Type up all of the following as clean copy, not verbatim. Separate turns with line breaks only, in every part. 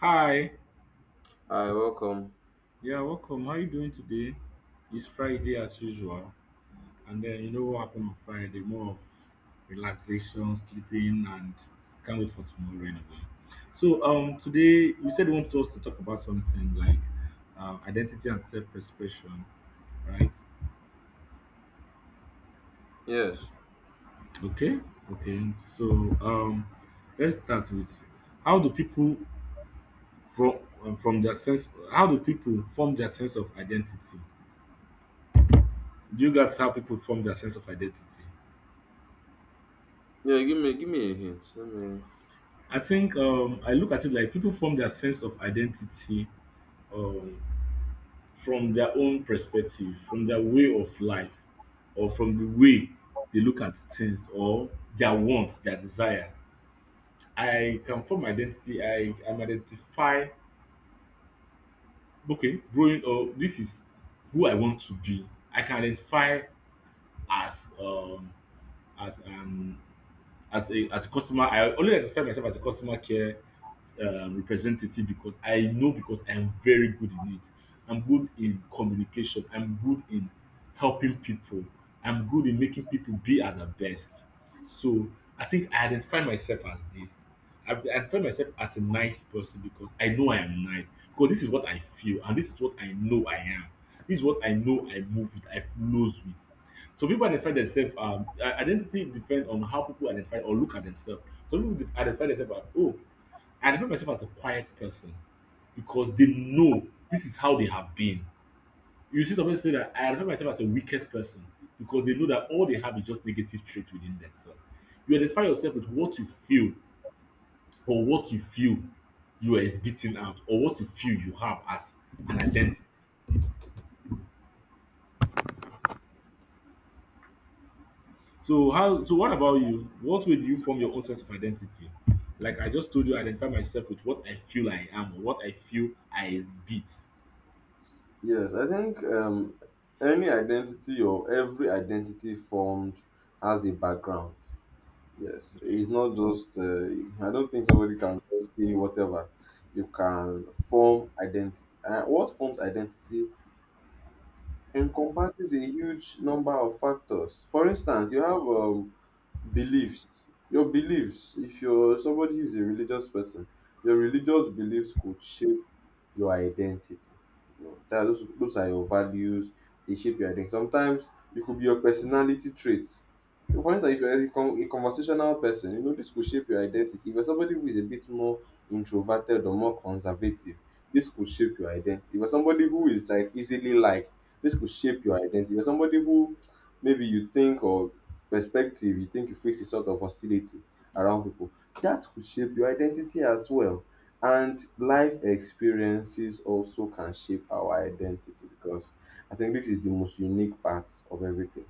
Hi,
Hi, welcome.
yeah, welcome. How are you doing today? It's Friday as usual, and then you know what happened on Friday? More of relaxation, sleeping, and can't wait for tomorrow anyway. So, today you said you wanted us to talk about something like identity and self-expression, right?
Yes.
Okay, okay. So, um, let's start with how do people from from their sense? How do people form their sense of identity? Do you that's how people form their sense of identity.
Yeah, give me a hint. Let me…
I think I look at it like people form their sense of identity um, from their own perspective, from their way of life, or from the way they look at things, or their wants, their desire. I can form identity. I am identify. Okay, growing up, this is who I want to be. I can identify as um, as an as a customer, I only identify myself as a customer care representative because I'm very good in it. I'm good in communication. I'm good in helping people. I'm good in making people be at their best. So I think I identify myself as this. I identify myself as a nice person because I know I am nice. Because this is what I feel and this is what I know I am. This is what I know I move with, I flows with. So people identify themselves. Identity depends on how people identify or look at themselves. Some people identify themselves as oh, I identify myself as a quiet person because they know this is how they have been. You see somebody say that I identify myself as a wicked person because they know that all they have is just negative traits within themselves. You identify yourself with what you feel or what you feel you are exhibiting out or what you feel you have as an identity. So how so what about you? What way do you form your own sense of identity? Like I just told you, I identify myself with what I feel I am or what I feel I exhibit.
Yes, I think any identity or every identity formed has a background. Yes,
Okay.
it's not just. I don't think somebody can just say whatever. You can form identity, and what forms identity encompasses a huge number of factors. For instance, you have beliefs. Your beliefs, if you're somebody who's a religious person, your religious beliefs could shape your identity. You know that those are your values. They shape your identity sometimes. It could be your personality traits. For instance, if you're a, a conversational person, you know, this could shape your identity. If you're somebody who is a bit more introverted or more conservative, this could shape your identity. If you're somebody who is like easily liked, this could shape your identity. If you're somebody who maybe you think, or perspective, you think you face a sort of hostility around people, that could shape your identity as well. And life experiences also can shape our identity, because I think this is the most unique part of everything.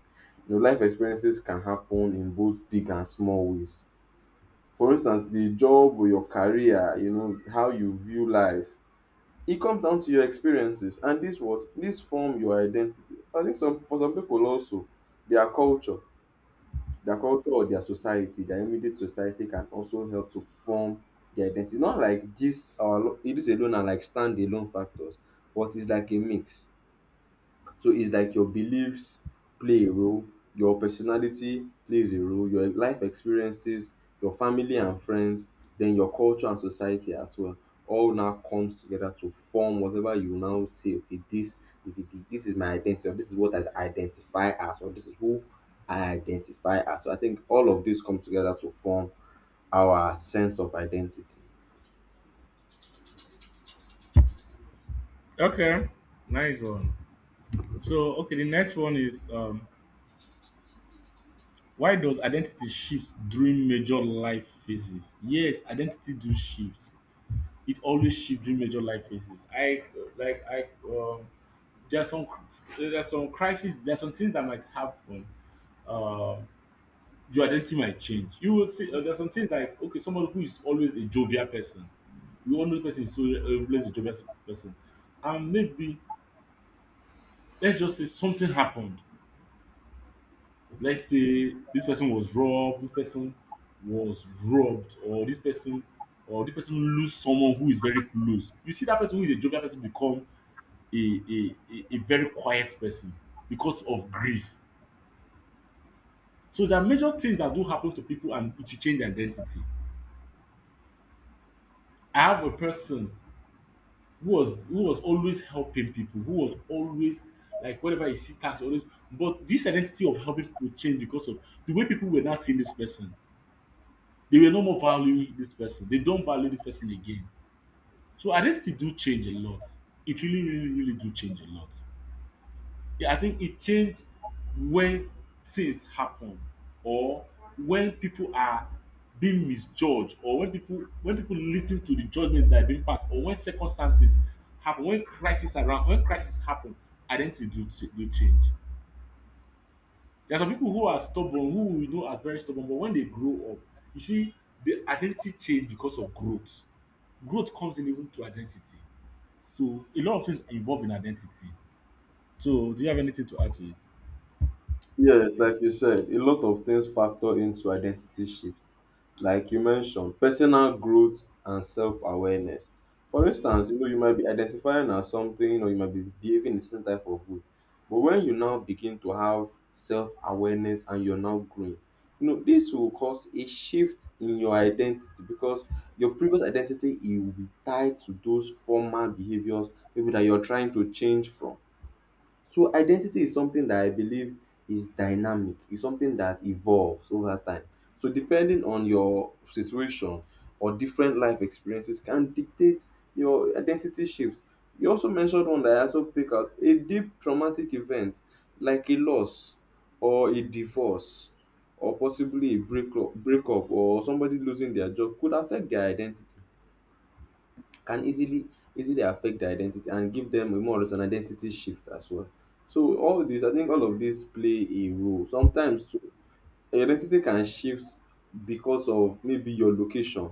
You know, life experiences can happen in both big and small ways. For instance, the job or your career, you know, how you view life, it comes down to your experiences, and this what this form your identity. I think some for some people also, their culture, their culture or their society, their immediate society can also help to form their identity. Not like this, it is alone are like standalone factors, but it's like a mix. So it's like your beliefs play a role, your personality plays a role, your life experiences, your family and friends, then your culture and society as well. All now comes together to form whatever you now say, okay, this is the, this is my identity, or this is what I identify as, or this is who I identify as. So I think all of this comes together to form our sense of identity.
Okay. Nice one. So okay, the next one is why does identity shift during major life phases? Yes, identity do shift. It always shift during major life phases. I like I there's some there's some crisis. There's some things that might happen. Um your identity might change. You will see there's some things like okay, someone who is always a jovial person, you all know the person is so always a jovial person, and maybe let's just say something happened. Let's say this person was robbed, this person was robbed, or this person lose someone who is very close. You see that person who is a jovial person become a very quiet person because of grief. So there are major things that do happen to people and it will change their identity. I have a person who was always helping people, who was always like whenever you see tax always but this identity of helping people changed because of the way people were now seeing this person. They were no more valuing this person. They don't value this person again. So identity do change a lot. It really, really, really do change a lot. Yeah, I think it changed when things happen or when people are being misjudged or when people lis ten to the judgement that are being passed or when circumstances happen when crisis around when crisis happen identity do change. There are some people who are stubborn who we know as very stubborn but when they grow up you see the identity change because of growth. Growth comes in even to identity so a lot of things involve in identity. So do you have anything to add to it?
Yes, like you said, a lot of things factor into identity shift. Like you mentioned, personal growth and self-awareness. For instance, you know, you might be identifying as something or you might be behaving in a certain type of way. But when you now begin to have self-awareness and you're now growing, you know, this will cause a shift in your identity, because your previous identity, it will be tied to those former behaviors maybe that you're trying to change from. So identity is something that I believe is dynamic; it's something that evolves over time. So depending on your situation or different life experiences can dictate your identity shifts. You also mentioned one that I also pick out: a deep traumatic event like a loss or a divorce or possibly a breakup or somebody losing their job could affect their identity, can easily affect their identity and give them a more of an identity shift as well. So all this, I think all of this play a role. Sometimes so, your identity can shift because of maybe your location,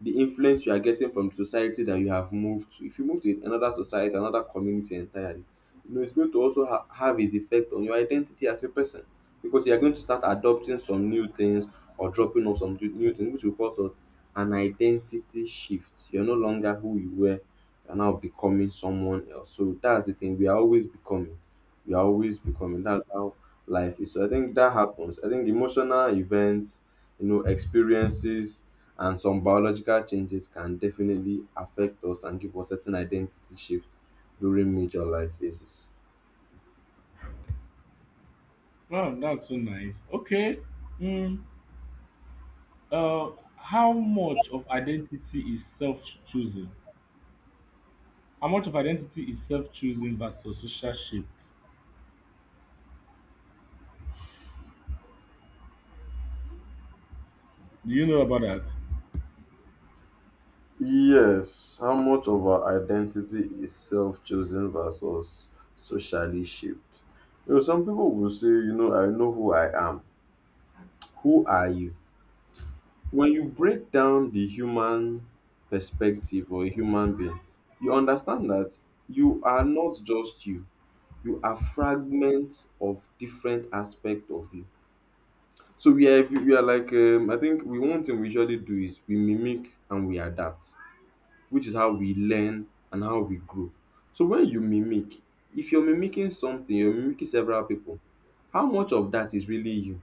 the influence you are getting from the society that you have moved to. If you move to another society, another community entirely, you know, it's going to also have its effect on your identity as a person, because you're going to start adopting some new things or dropping off some new things, which will cause us an identity shift. You're no longer who you were, you're now becoming someone else. So that's the thing, we are always becoming. We are always becoming. That's how life is. So I think that happens. I think emotional events, you know, experiences, and some biological changes can definitely affect us and give us certain identity shift during major life phases.
Oh, that's so nice. Okay. Mm, uh, how much of identity is self-choosing? How much of identity is self-choosing versus social shaped? Do you know about that?
Yes, how much of our identity is self chosen versus socially shaped? You know, some people will say, you know, I know who I am. Who are you? When you break down the human perspective or a human being, you understand that you are not just you. You are fragments of different aspect of you. So we are like I think we, one thing we usually do is we mimic and we adapt, which is how we learn and how we grow. So when you mimic, if you're mimicking something, you're mimicking several people, how much of that is really you?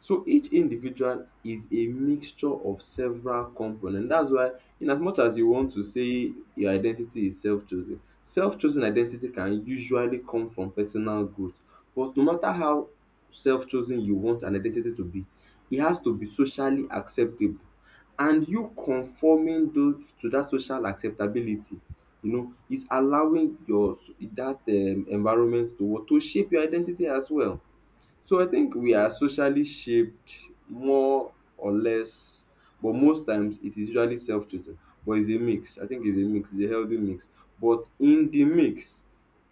So each individual is a mixture of several components. That's why in as much as you want to say your identity is self-chosen, self-chosen identity can usually come from personal growth. But no matter how self-chosen you want an identity to be, it has to be socially acceptable. And you conforming those to that social acceptability, you know, is allowing your that environment to what to shape your identity as well. So I think we are socially shaped more or less, but most times it is usually self chosen. But it's a mix. I think it's a mix. It's a healthy mix. But in the mix,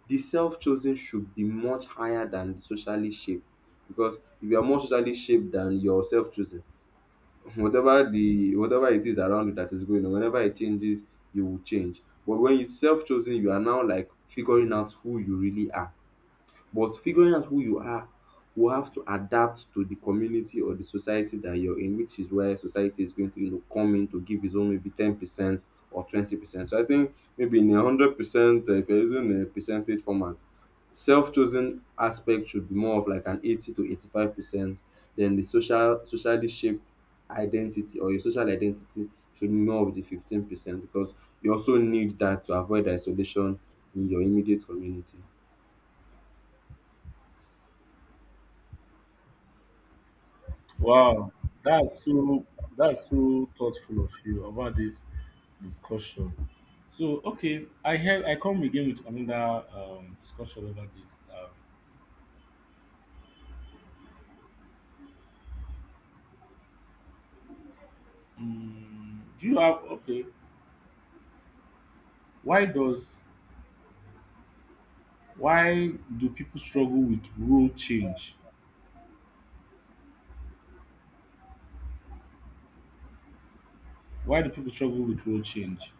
the self chosen should be much higher than the socially shaped. Because if you are more socially shaped than your self chosen, whatever the whatever it is around you that is going on, whenever it changes, you will change. But when you self chosen, you are now like figuring out who you really are, but figuring out who you are, will have to adapt to the community or the society that you're in, which is where society is going to, you know, come in to give his own maybe 10% or 20%. So I think maybe in a 100%, if you're using a percentage format, self-chosen aspect should be more of like an 80 to 85%, then the social socially shaped identity or your social identity should be more of the 15%, because you also need that to avoid isolation in your immediate community.
Wow, that's so that's so thoughtful of you about this discussion. So okay, I come again with another discussion over this. Do you have okay? Why does why do people struggle with role change? Why do people struggle with role change?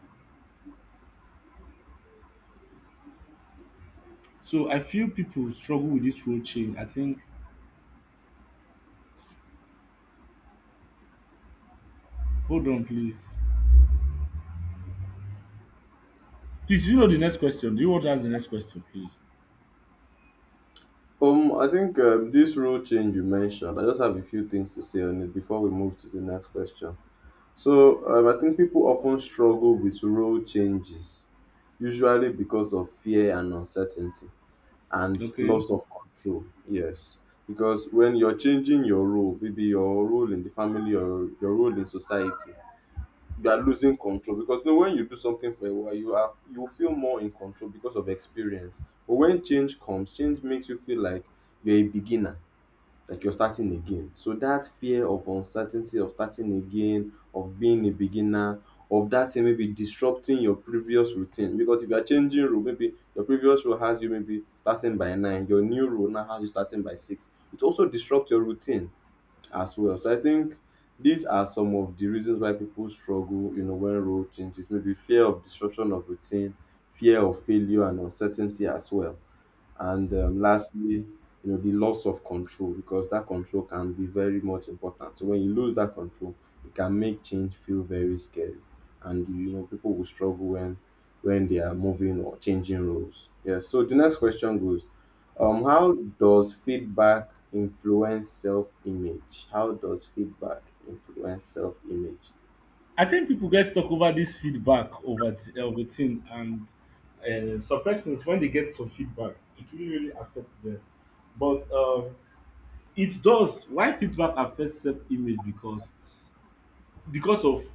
So I feel people struggle with this role change. I think hold on please. Please, do you know the next question? Do you want to ask the next question, please?
I think this rule change you mentioned, I just have a few things to say on it before we move to the next question. So, I think people often struggle with rule changes, usually because of fear and uncertainty and
Okay.
loss of control. Yes, because when you're changing your role, maybe your role in the family or your role in society, you are losing control, because you know when you do something for a while you are, you feel more in control because of experience. But when change comes, change makes you feel like you're a beginner, like you're starting again. So that fear of uncertainty, of starting again, of being a beginner, of that thing maybe disrupting your previous routine, because if you are changing role, maybe your previous role has you maybe starting by nine, your new role now has you starting by six. It also disrupts your routine as well. So I think these are some of the reasons why people struggle, you know, when role changes. Maybe fear of disruption of routine, fear of failure, and uncertainty as well. And lastly, you know, the loss of control, because that control can be very much important. So when you lose that control, it can make change feel very scary, and you know people will struggle when they are moving or changing roles. Yeah. So the next question goes, how does feedback influence self image? How does feedback influence self image?
I think people get stuck over this feedback over of thing, and some persons when they get some feedback, it really really affects them. But it does. Why feedback affects self-image? Because of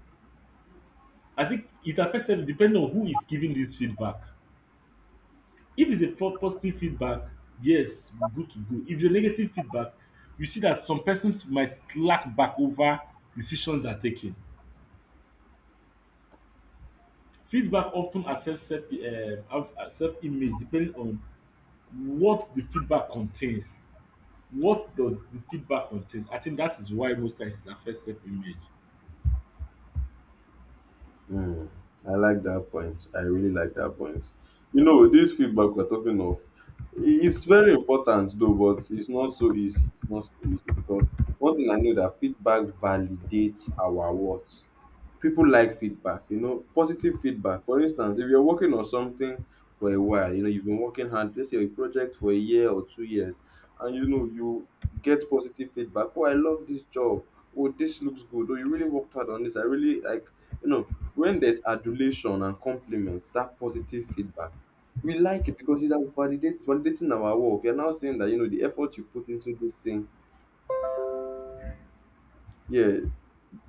I think it affects self depending on who is giving this feedback. If it's a for positive feedback, yes, good to go. If it's a negative feedback, you see that some persons might slack back over decisions they are taking. Feedback of ten affects self how self-image depending on what the feedback contains. What does the feedback contains? I think that is why most times it affects self-image.
Mm, I like that point. I really like that point. You know, this feedback we're talking of, it's very important though, but it's not so easy. It's not so easy, because one thing I know that feedback validates our worth. People like feedback, you know, positive feedback. For instance, if you're working on something for a while, you know, you've been working hard, let's say a project for a year or 2 years, and you know, you get positive feedback. Oh, I love this job. Oh, this looks good. Oh, you really worked hard on this. I really like, you know, when there's adulation and compliments, that positive feedback, we like it because it has validates validating our work. You're now saying that you know the effort you put into this thing, yeah,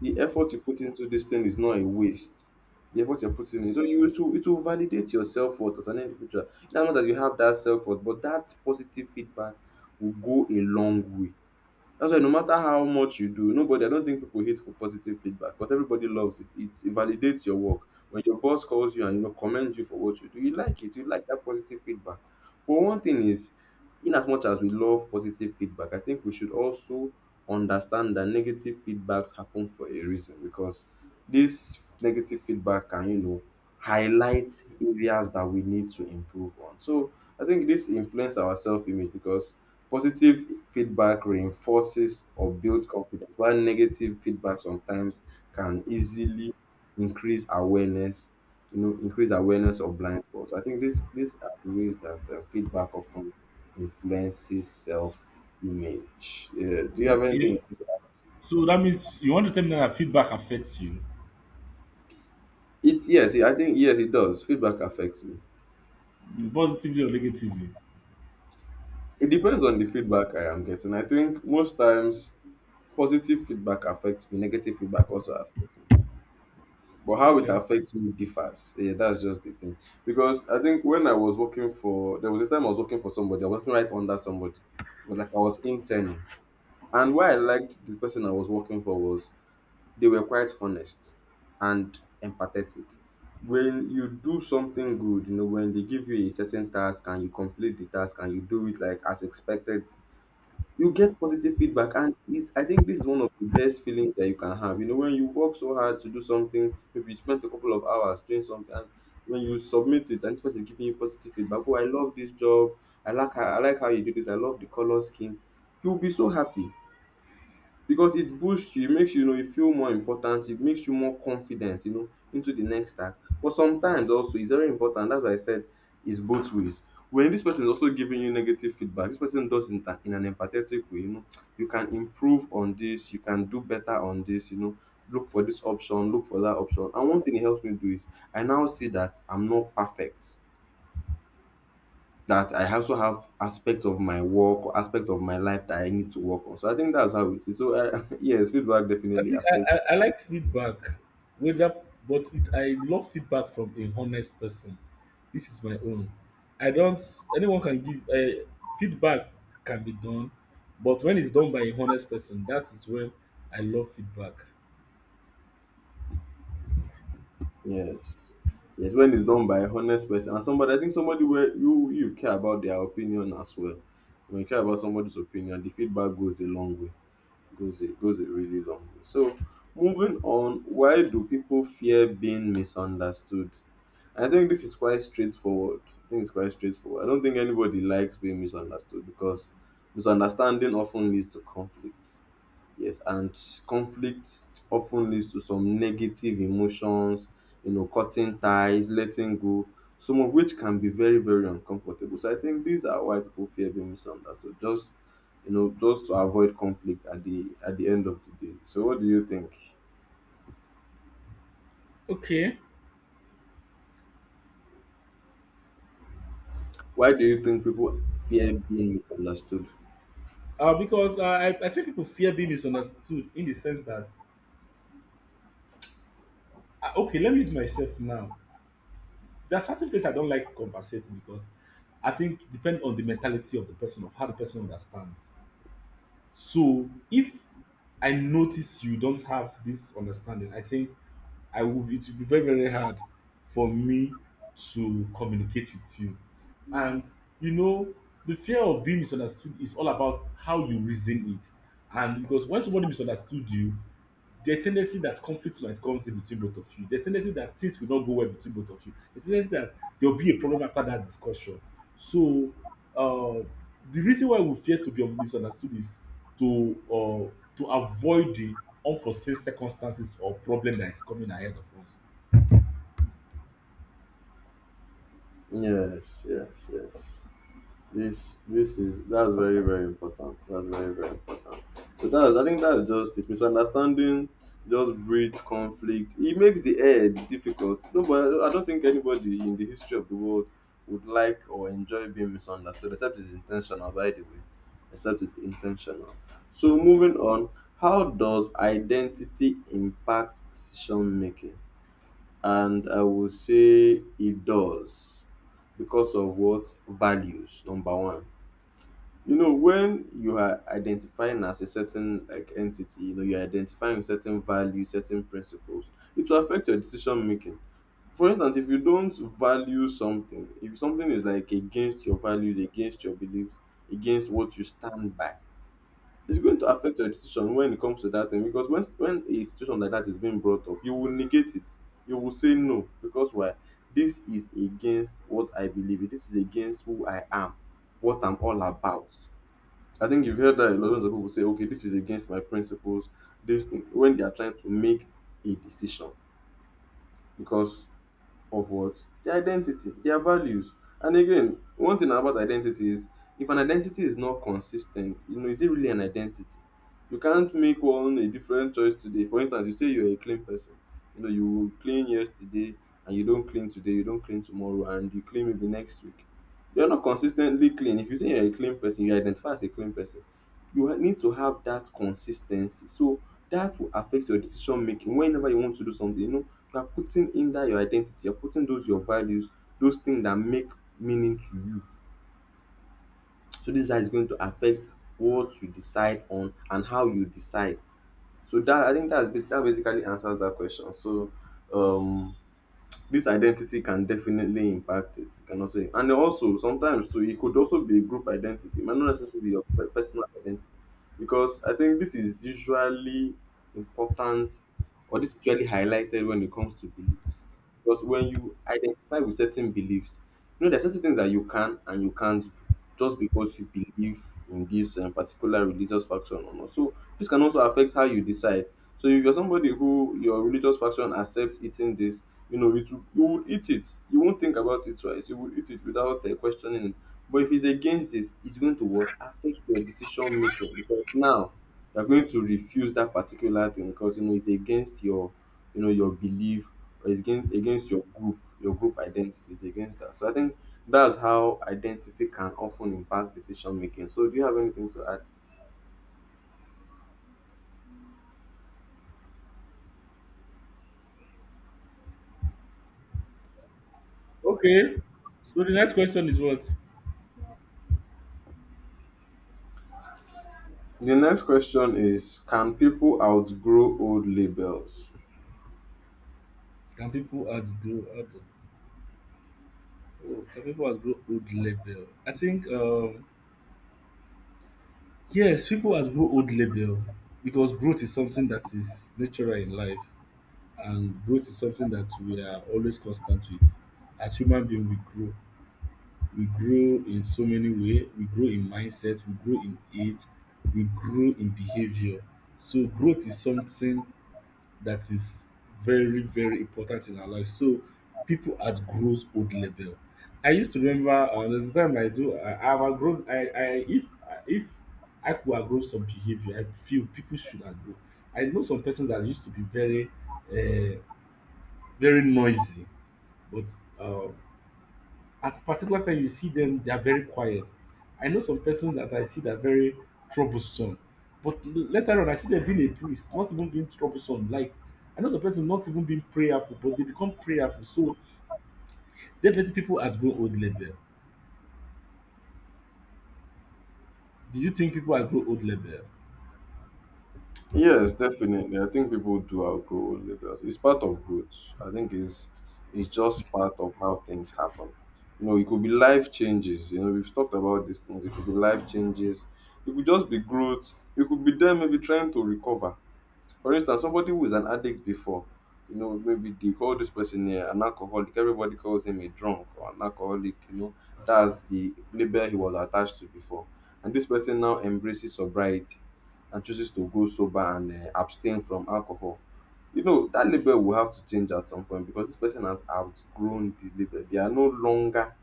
the effort you put into this thing is not a waste. The effort you're putting in, so you it will validate your self worth as an individual. Now not that you have that self worth, but that positive feedback will go a long way. That's why no matter how much you do, nobody, I don't think people hate for positive feedback, but everybody loves it. It validates your work. When your boss calls you and you know commends you for what you do, you like it. You like that positive feedback. But one thing is, in as much as we love positive feedback, I think we should also understand that negative feedbacks happen for a reason, because this negative feedback can, you know, highlight areas that we need to improve on. So I think this influence our self image, because positive feedback reinforces or builds confidence, while negative feedback sometimes can easily increase awareness, you know, increase awareness of blind spots. I think this these are the ways that feedback often influences self image. Yeah. Do you have
Okay.
anything?
So that means you want to tell me now that feedback affects you
It's yes, I think yes, it does. Feedback affects me.
positively or negatively?
It depends on the feedback I am getting. I think most times positive feedback affects me, negative feedback also affects me. But how it
Okay.
affects me differs. Yeah, that's just the thing. Because I think when I was working for, there was a time I was working for somebody. I was working right under somebody, but like I was interning. And why I liked the person I was working for was they were quite honest and empathetic. When you do something good, you know, when they give you a certain task and you complete the task and you do it like as expected, you get positive feedback, and it's, I think this is one of the best feelings that you can have. You know, when you work so hard to do something, maybe you spent a couple of hours doing something, and when you submit it, and this person is giving you positive feedback, oh, I love this job, I like how you do this, I love the color scheme, you'll be so happy because it boosts you. It makes you, you know you feel more important. It makes you more confident, you know, into the next task. But sometimes also it's very important. That's why I said it's both ways. When this person is also giving you negative feedback, this person does it in an empathetic way. You know, you can improve on this. You can do better on this. You know, look for this option. Look for that option. And one thing it helps me do is I now see that I'm not perfect, that I also have aspects of my work or aspect of my life that I need to work on. So I think that's how it is. So yes, feedback
I
definitely
think I,
affects.
I, I like feedback, whether but it, I love feedback from a honest person. This is my own. I don't. Anyone can give feedback can be done, but when it's done by a honest person, that is when I love feedback.
Yes, yes, when it's done by a honest person and somebody, I think somebody where you care about their opinion as well. When you care about somebody's opinion, the feedback goes a long way. Goes a really long way. So moving on, why do people fear being misunderstood? I think this is quite straightforward. I think it's quite straightforward. I don't think anybody likes being misunderstood because misunderstanding often leads to conflict. Yes, and conflict often leads to some negative emotions, you know, cutting ties, letting go, some of which can be very, very uncomfortable. So I think these are why people fear being misunderstood, just you know, just to avoid conflict at the end of the day. So what do you think?
Okay.
Why do you think people fear being misunderstood?
Because I think people fear being misunderstood in the sense that, okay, let me use myself now. There are certain places I don't like compensating because I think depend on the mentality of the person, of how the person understands. So if I notice you don't have this understanding, I think I will be it will be very, very hard for me to communicate with you. And you know, the fear of being misunderstood is all about how you reason it. And because when somebody misunderstood you, there's tendency that conflict might come in between both of you. There's tendency that things will not go well between both of you. There's tendency that there will be a problem after that discussion. So uh, the reason why we fear to be misunderstood is to uh, to avoid the unforeseen circumstances or problem that is coming ahead of us.
Yes, yes, yes. This is, that's very, very important. That's very, very important. So that's, I think that's just it. Misunderstanding just breeds conflict. It makes the air difficult. No, but I don't think anybody in the history of the world would like or enjoy being misunderstood, except it's intentional. By the way, except it's intentional. So moving on, how does identity impact decision making? And I will say it does, because of what? Values, number one. You know, when you are identifying as a certain like entity, you know, you're identifying with certain values, certain principles. It will affect your decision making. For instance, if you don't value something, if something is like against your values, against your beliefs, against what you stand by, it's going to affect your decision when it comes to that thing, because when a situation like that is being brought up, you will negate it. You will say no, because why? This is against what I believe in. This is against who I am, what I'm all about. I think you've heard that a lot of people say, okay, this is against my principles, this thing, when they are trying to make a decision. Because of what? Their identity, their values. And again, one thing about identity is, if an identity is not consistent, you know, is it really an identity? You can't make one a different choice today. For instance, you say you're a clean person. You know, you clean yesterday and you don't clean today, you don't clean tomorrow, and you clean maybe next week. You're not consistently clean. If you say you're a clean person, you identify as a clean person. You need to have that consistency. So that will affect your decision making whenever you want to do something. You know, you are putting in that your identity, you're putting those your values, those things that make meaning to you. So this is how it's going to affect what you decide on and how you decide. So that, I think that basically answers that question. So um this identity can definitely impact it. It can also, and also sometimes too, it could also be a group identity. It might not necessarily be your personal identity, because I think this is usually important, or this is usually highlighted when it comes to beliefs. Because when you identify with certain beliefs, you know there are certain things that you can and you can't do just because you believe in this particular religious faction or not. So this can also affect how you decide. So if you're somebody who your religious faction accepts eating this, you know, it will, you will eat it. You won't think about it twice. You will eat it without questioning it. But if it's against this, it's going to what? Affect your decision making, because now you're going to refuse that particular thing because you know it's against your, you know, your belief, or it's against your group. Your group identity is against that. So I think that's how identity can often impact decision making. So do you have anything to add?
Okay. So the next question is what?
The next question is, can people outgrow old labels?
Can people outgrow? Oh, can people outgrow old level? I think yes, people at grow old label because growth is something that is natural in life and growth is something that we are always constant with. As human being we grow. We grow in so many way, we grow in mindset, we grow in age, we grow in behaviour. So growth is something that is very very important in our life so people at grows old level. I used to remember. There's a time I have outgrown I if I could outgrow some behavior I feel people should outgrow. I know some persons that used to be very uh, very noisy but uh, at a particular time, you see them, they are very quiet. I know some persons that I see that are very troublesome. But later on, I see them being a priest, not even being troublesome. Like, I know some person not even being prayerful, but they become prayerful. So, definitely people are grown old level. Do you think people are grown old level?
Yes, definitely. I think people do outgrow old labels. It's part of growth. I think it's just part of how things happen. You know, it could be life changes. You know, we've talked about these things. It could be life changes. It could just be growth. It could be them maybe trying to recover. For instance, somebody who is an addict before, you know, maybe they call this person an alcoholic. Everybody calls him a drunk or an alcoholic, you know. That's the label he was attached to before. And this person now embraces sobriety and chooses to go sober and abstain from alcohol. You know, that label will have to change at some point, because this person has outgrown the label. They are no longer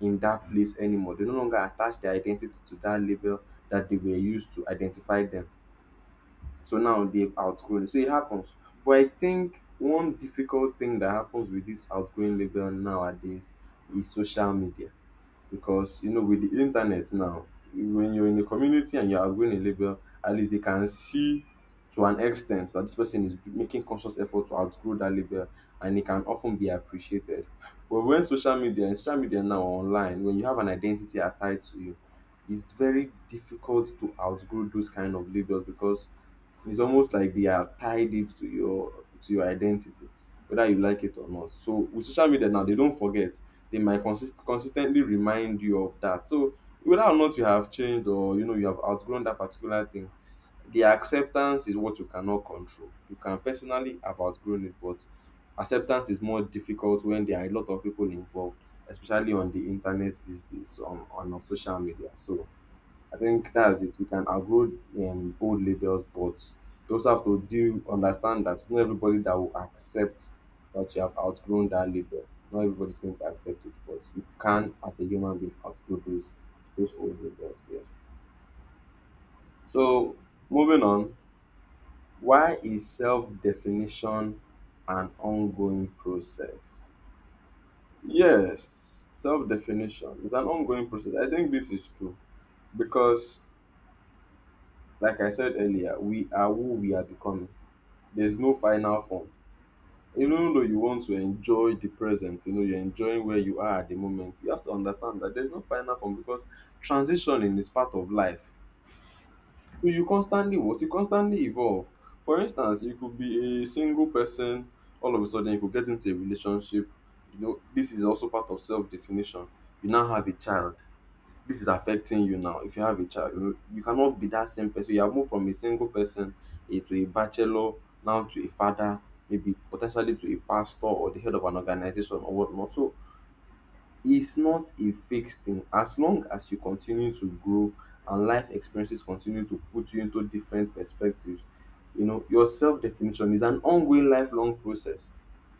in that place anymore. They no longer attach their identity to that label that they were used to identify them. So now they've outgrown it. So it happens. But I think one difficult thing that happens with this outgrowing label nowadays is social media. Because you know, with the internet now, when you're in a community and you're outgrowing a label, at least they can see to an extent that this person is making conscious effort to outgrow that label, and it can often be appreciated. But when social media, now online, when you have an identity tied to you, it's very difficult to outgrow those kind of labels, because it's almost like they are tied it to your identity, whether you like it or not. So with social media now, they don't forget. They might consistently remind you of that. So whether or not you have changed, or you know, you have outgrown that particular thing, the acceptance is what you cannot control. You can personally have outgrown it, but acceptance is more difficult when there are a lot of people involved, especially on the internet these days, on our social media. So I think that's it. We can outgrow old labels, but you also have to do understand that not everybody that will accept that you have outgrown that label. Not everybody's going to accept it, but you can, as a human being, outgrow those old labels. Yes. So moving on, why is self-definition an ongoing process? Yes, self-definition is an ongoing process. I think this is true because, like I said earlier, we are who we are becoming. There's no final form. Even though you want to enjoy the present, you know, you're enjoying where you are at the moment, you have to understand that there's no final form, because transitioning is part of life. So you constantly what? You constantly evolve. For instance, you could be a single person, all of a sudden you could get into a relationship. You know, this is also part of self definition. You now have a child. This is affecting you now. If you have a child, you know you cannot be that same person. You have moved from a single person, to a bachelor, now to a father, maybe potentially to a pastor or the head of an organization or whatnot. So it's not a fixed thing. As long as you continue to grow and life experiences continue to put you into different perspectives, you know, your self-definition is an ongoing lifelong process.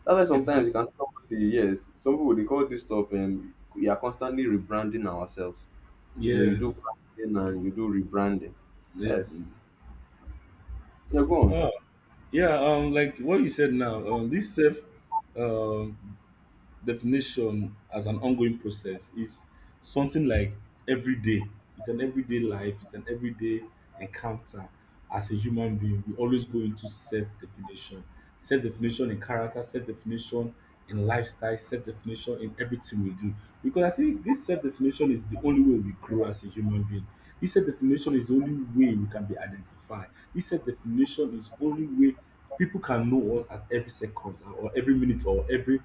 That's why
It's
sometimes
like,
you can see somebody. Yes, some people, they call this stuff, we are constantly rebranding ourselves. You know, you do
yes.
branding and you do rebranding.
It's,
Yes. Now go on.
oh, yeah, like what you said now, this self um, definition as an ongoing process is something like every day. It's an everyday life. It's an everyday encounter as a human being we always go into self-definition self-definition in character self-definition in lifestyle self-definition in everything we do because I think this self-definition is the only way we grow as a human being this self-definition is the only way we can be identified this self-definition is only way people can know us at every second or every minute or every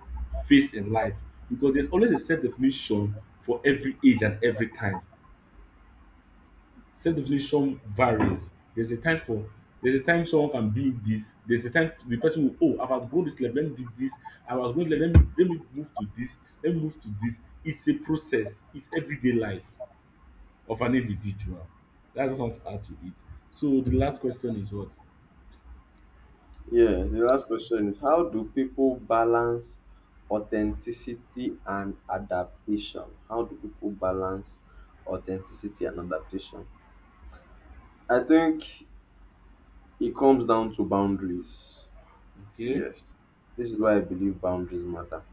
phase in life because there's always a self-definition for every age and every time. Self-definition varies. There's a time for there's a time someone can be this. There's a time the person will, oh, I've outgrown this level, let me be this. I was going to let me move to this. Let me move to this. It's a process. It's everyday life of an individual. That's what I want to add to it. So the last question is what?
Yes, the last question is how do people balance authenticity and adaptation? How do people balance authenticity and adaptation? I think it comes down to boundaries.
Okay.
Yes, this is why I believe boundaries matter.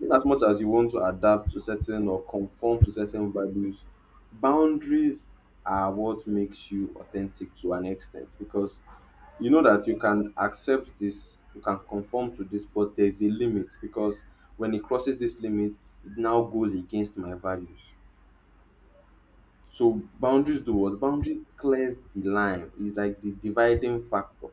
In as much as you want to adapt to certain or conform to certain values, boundaries are what makes you authentic to an extent, because you know that you can accept this, you can conform to this, but there is a limit. Because when it crosses this limit, it now goes against my values. So boundaries do what? Boundary clears the line. It's like the dividing factor.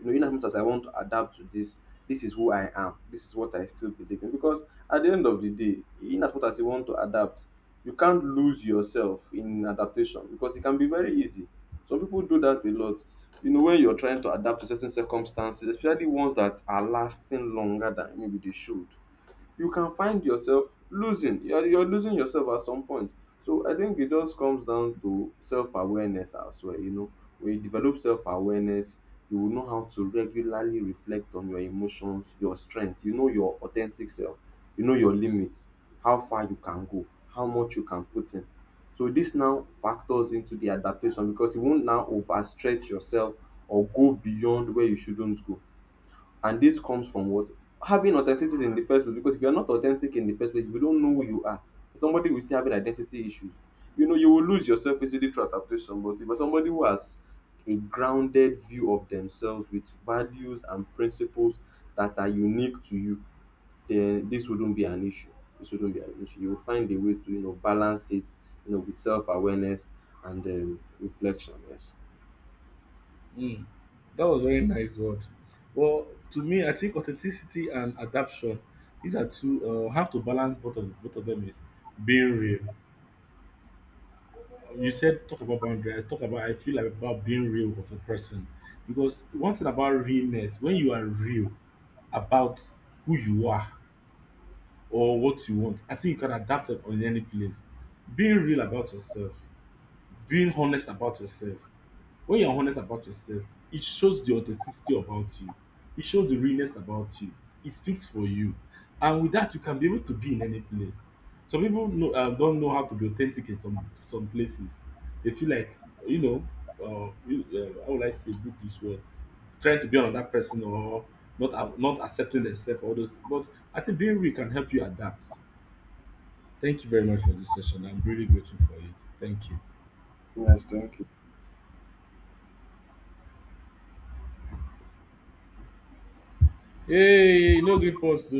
You know, in as much as I want to adapt to this, this is who I am. This is what I still believe in. Because at the end of the day, in as much as you want to adapt, you can't lose yourself in adaptation, because it can be very easy. Some people do that a lot. You know, when you're trying to adapt to certain circumstances, especially ones that are lasting longer than maybe they should, you can find yourself losing. You're losing yourself at some point. So I think it just comes down to self awareness as well. You know, when you develop self awareness, you will know how to regularly reflect on your emotions, your strength. You know your authentic self. You know your limits, how far you can go, how much you can put in. So this now factors into the adaptation, because you won't now overstretch yourself or go beyond where you shouldn't go. And this comes from what? Having authenticity in the first place. Because if you're not authentic in the first place, if you don't know who you are, somebody will still having identity issues. You know, you will lose yourself easily through adaptation. But if you're somebody who has a grounded view of themselves with values and principles that are unique to you, then this wouldn't be an issue. This wouldn't be an issue. You will find a way to, you know, balance it, you know, with self awareness and reflection. Yes.
Mm. That was very nice word. Well, to me, I think authenticity and adaptation. These are two. Have to balance both of them is being real. You said talk about boundary. I talk about I feel like about being real of a person because one thing about realness when you are real about who you are or what you want, I think you can adapt it on any place. Being real about yourself, being honest about yourself, when you're honest about yourself, it shows the authenticity about you. It shows the realness about you. It speaks for you. And with that, you can be able to be in any place. Some people know, don't know how to be authentic in some places. They feel like, you know, how would I say, put this word? Trying to be another person or not accepting themselves, all those. But I think being real can help you adapt. Thank you very much for this session. I'm really grateful for it. Thank you.
Yes, thank you.
Hey, no green pause.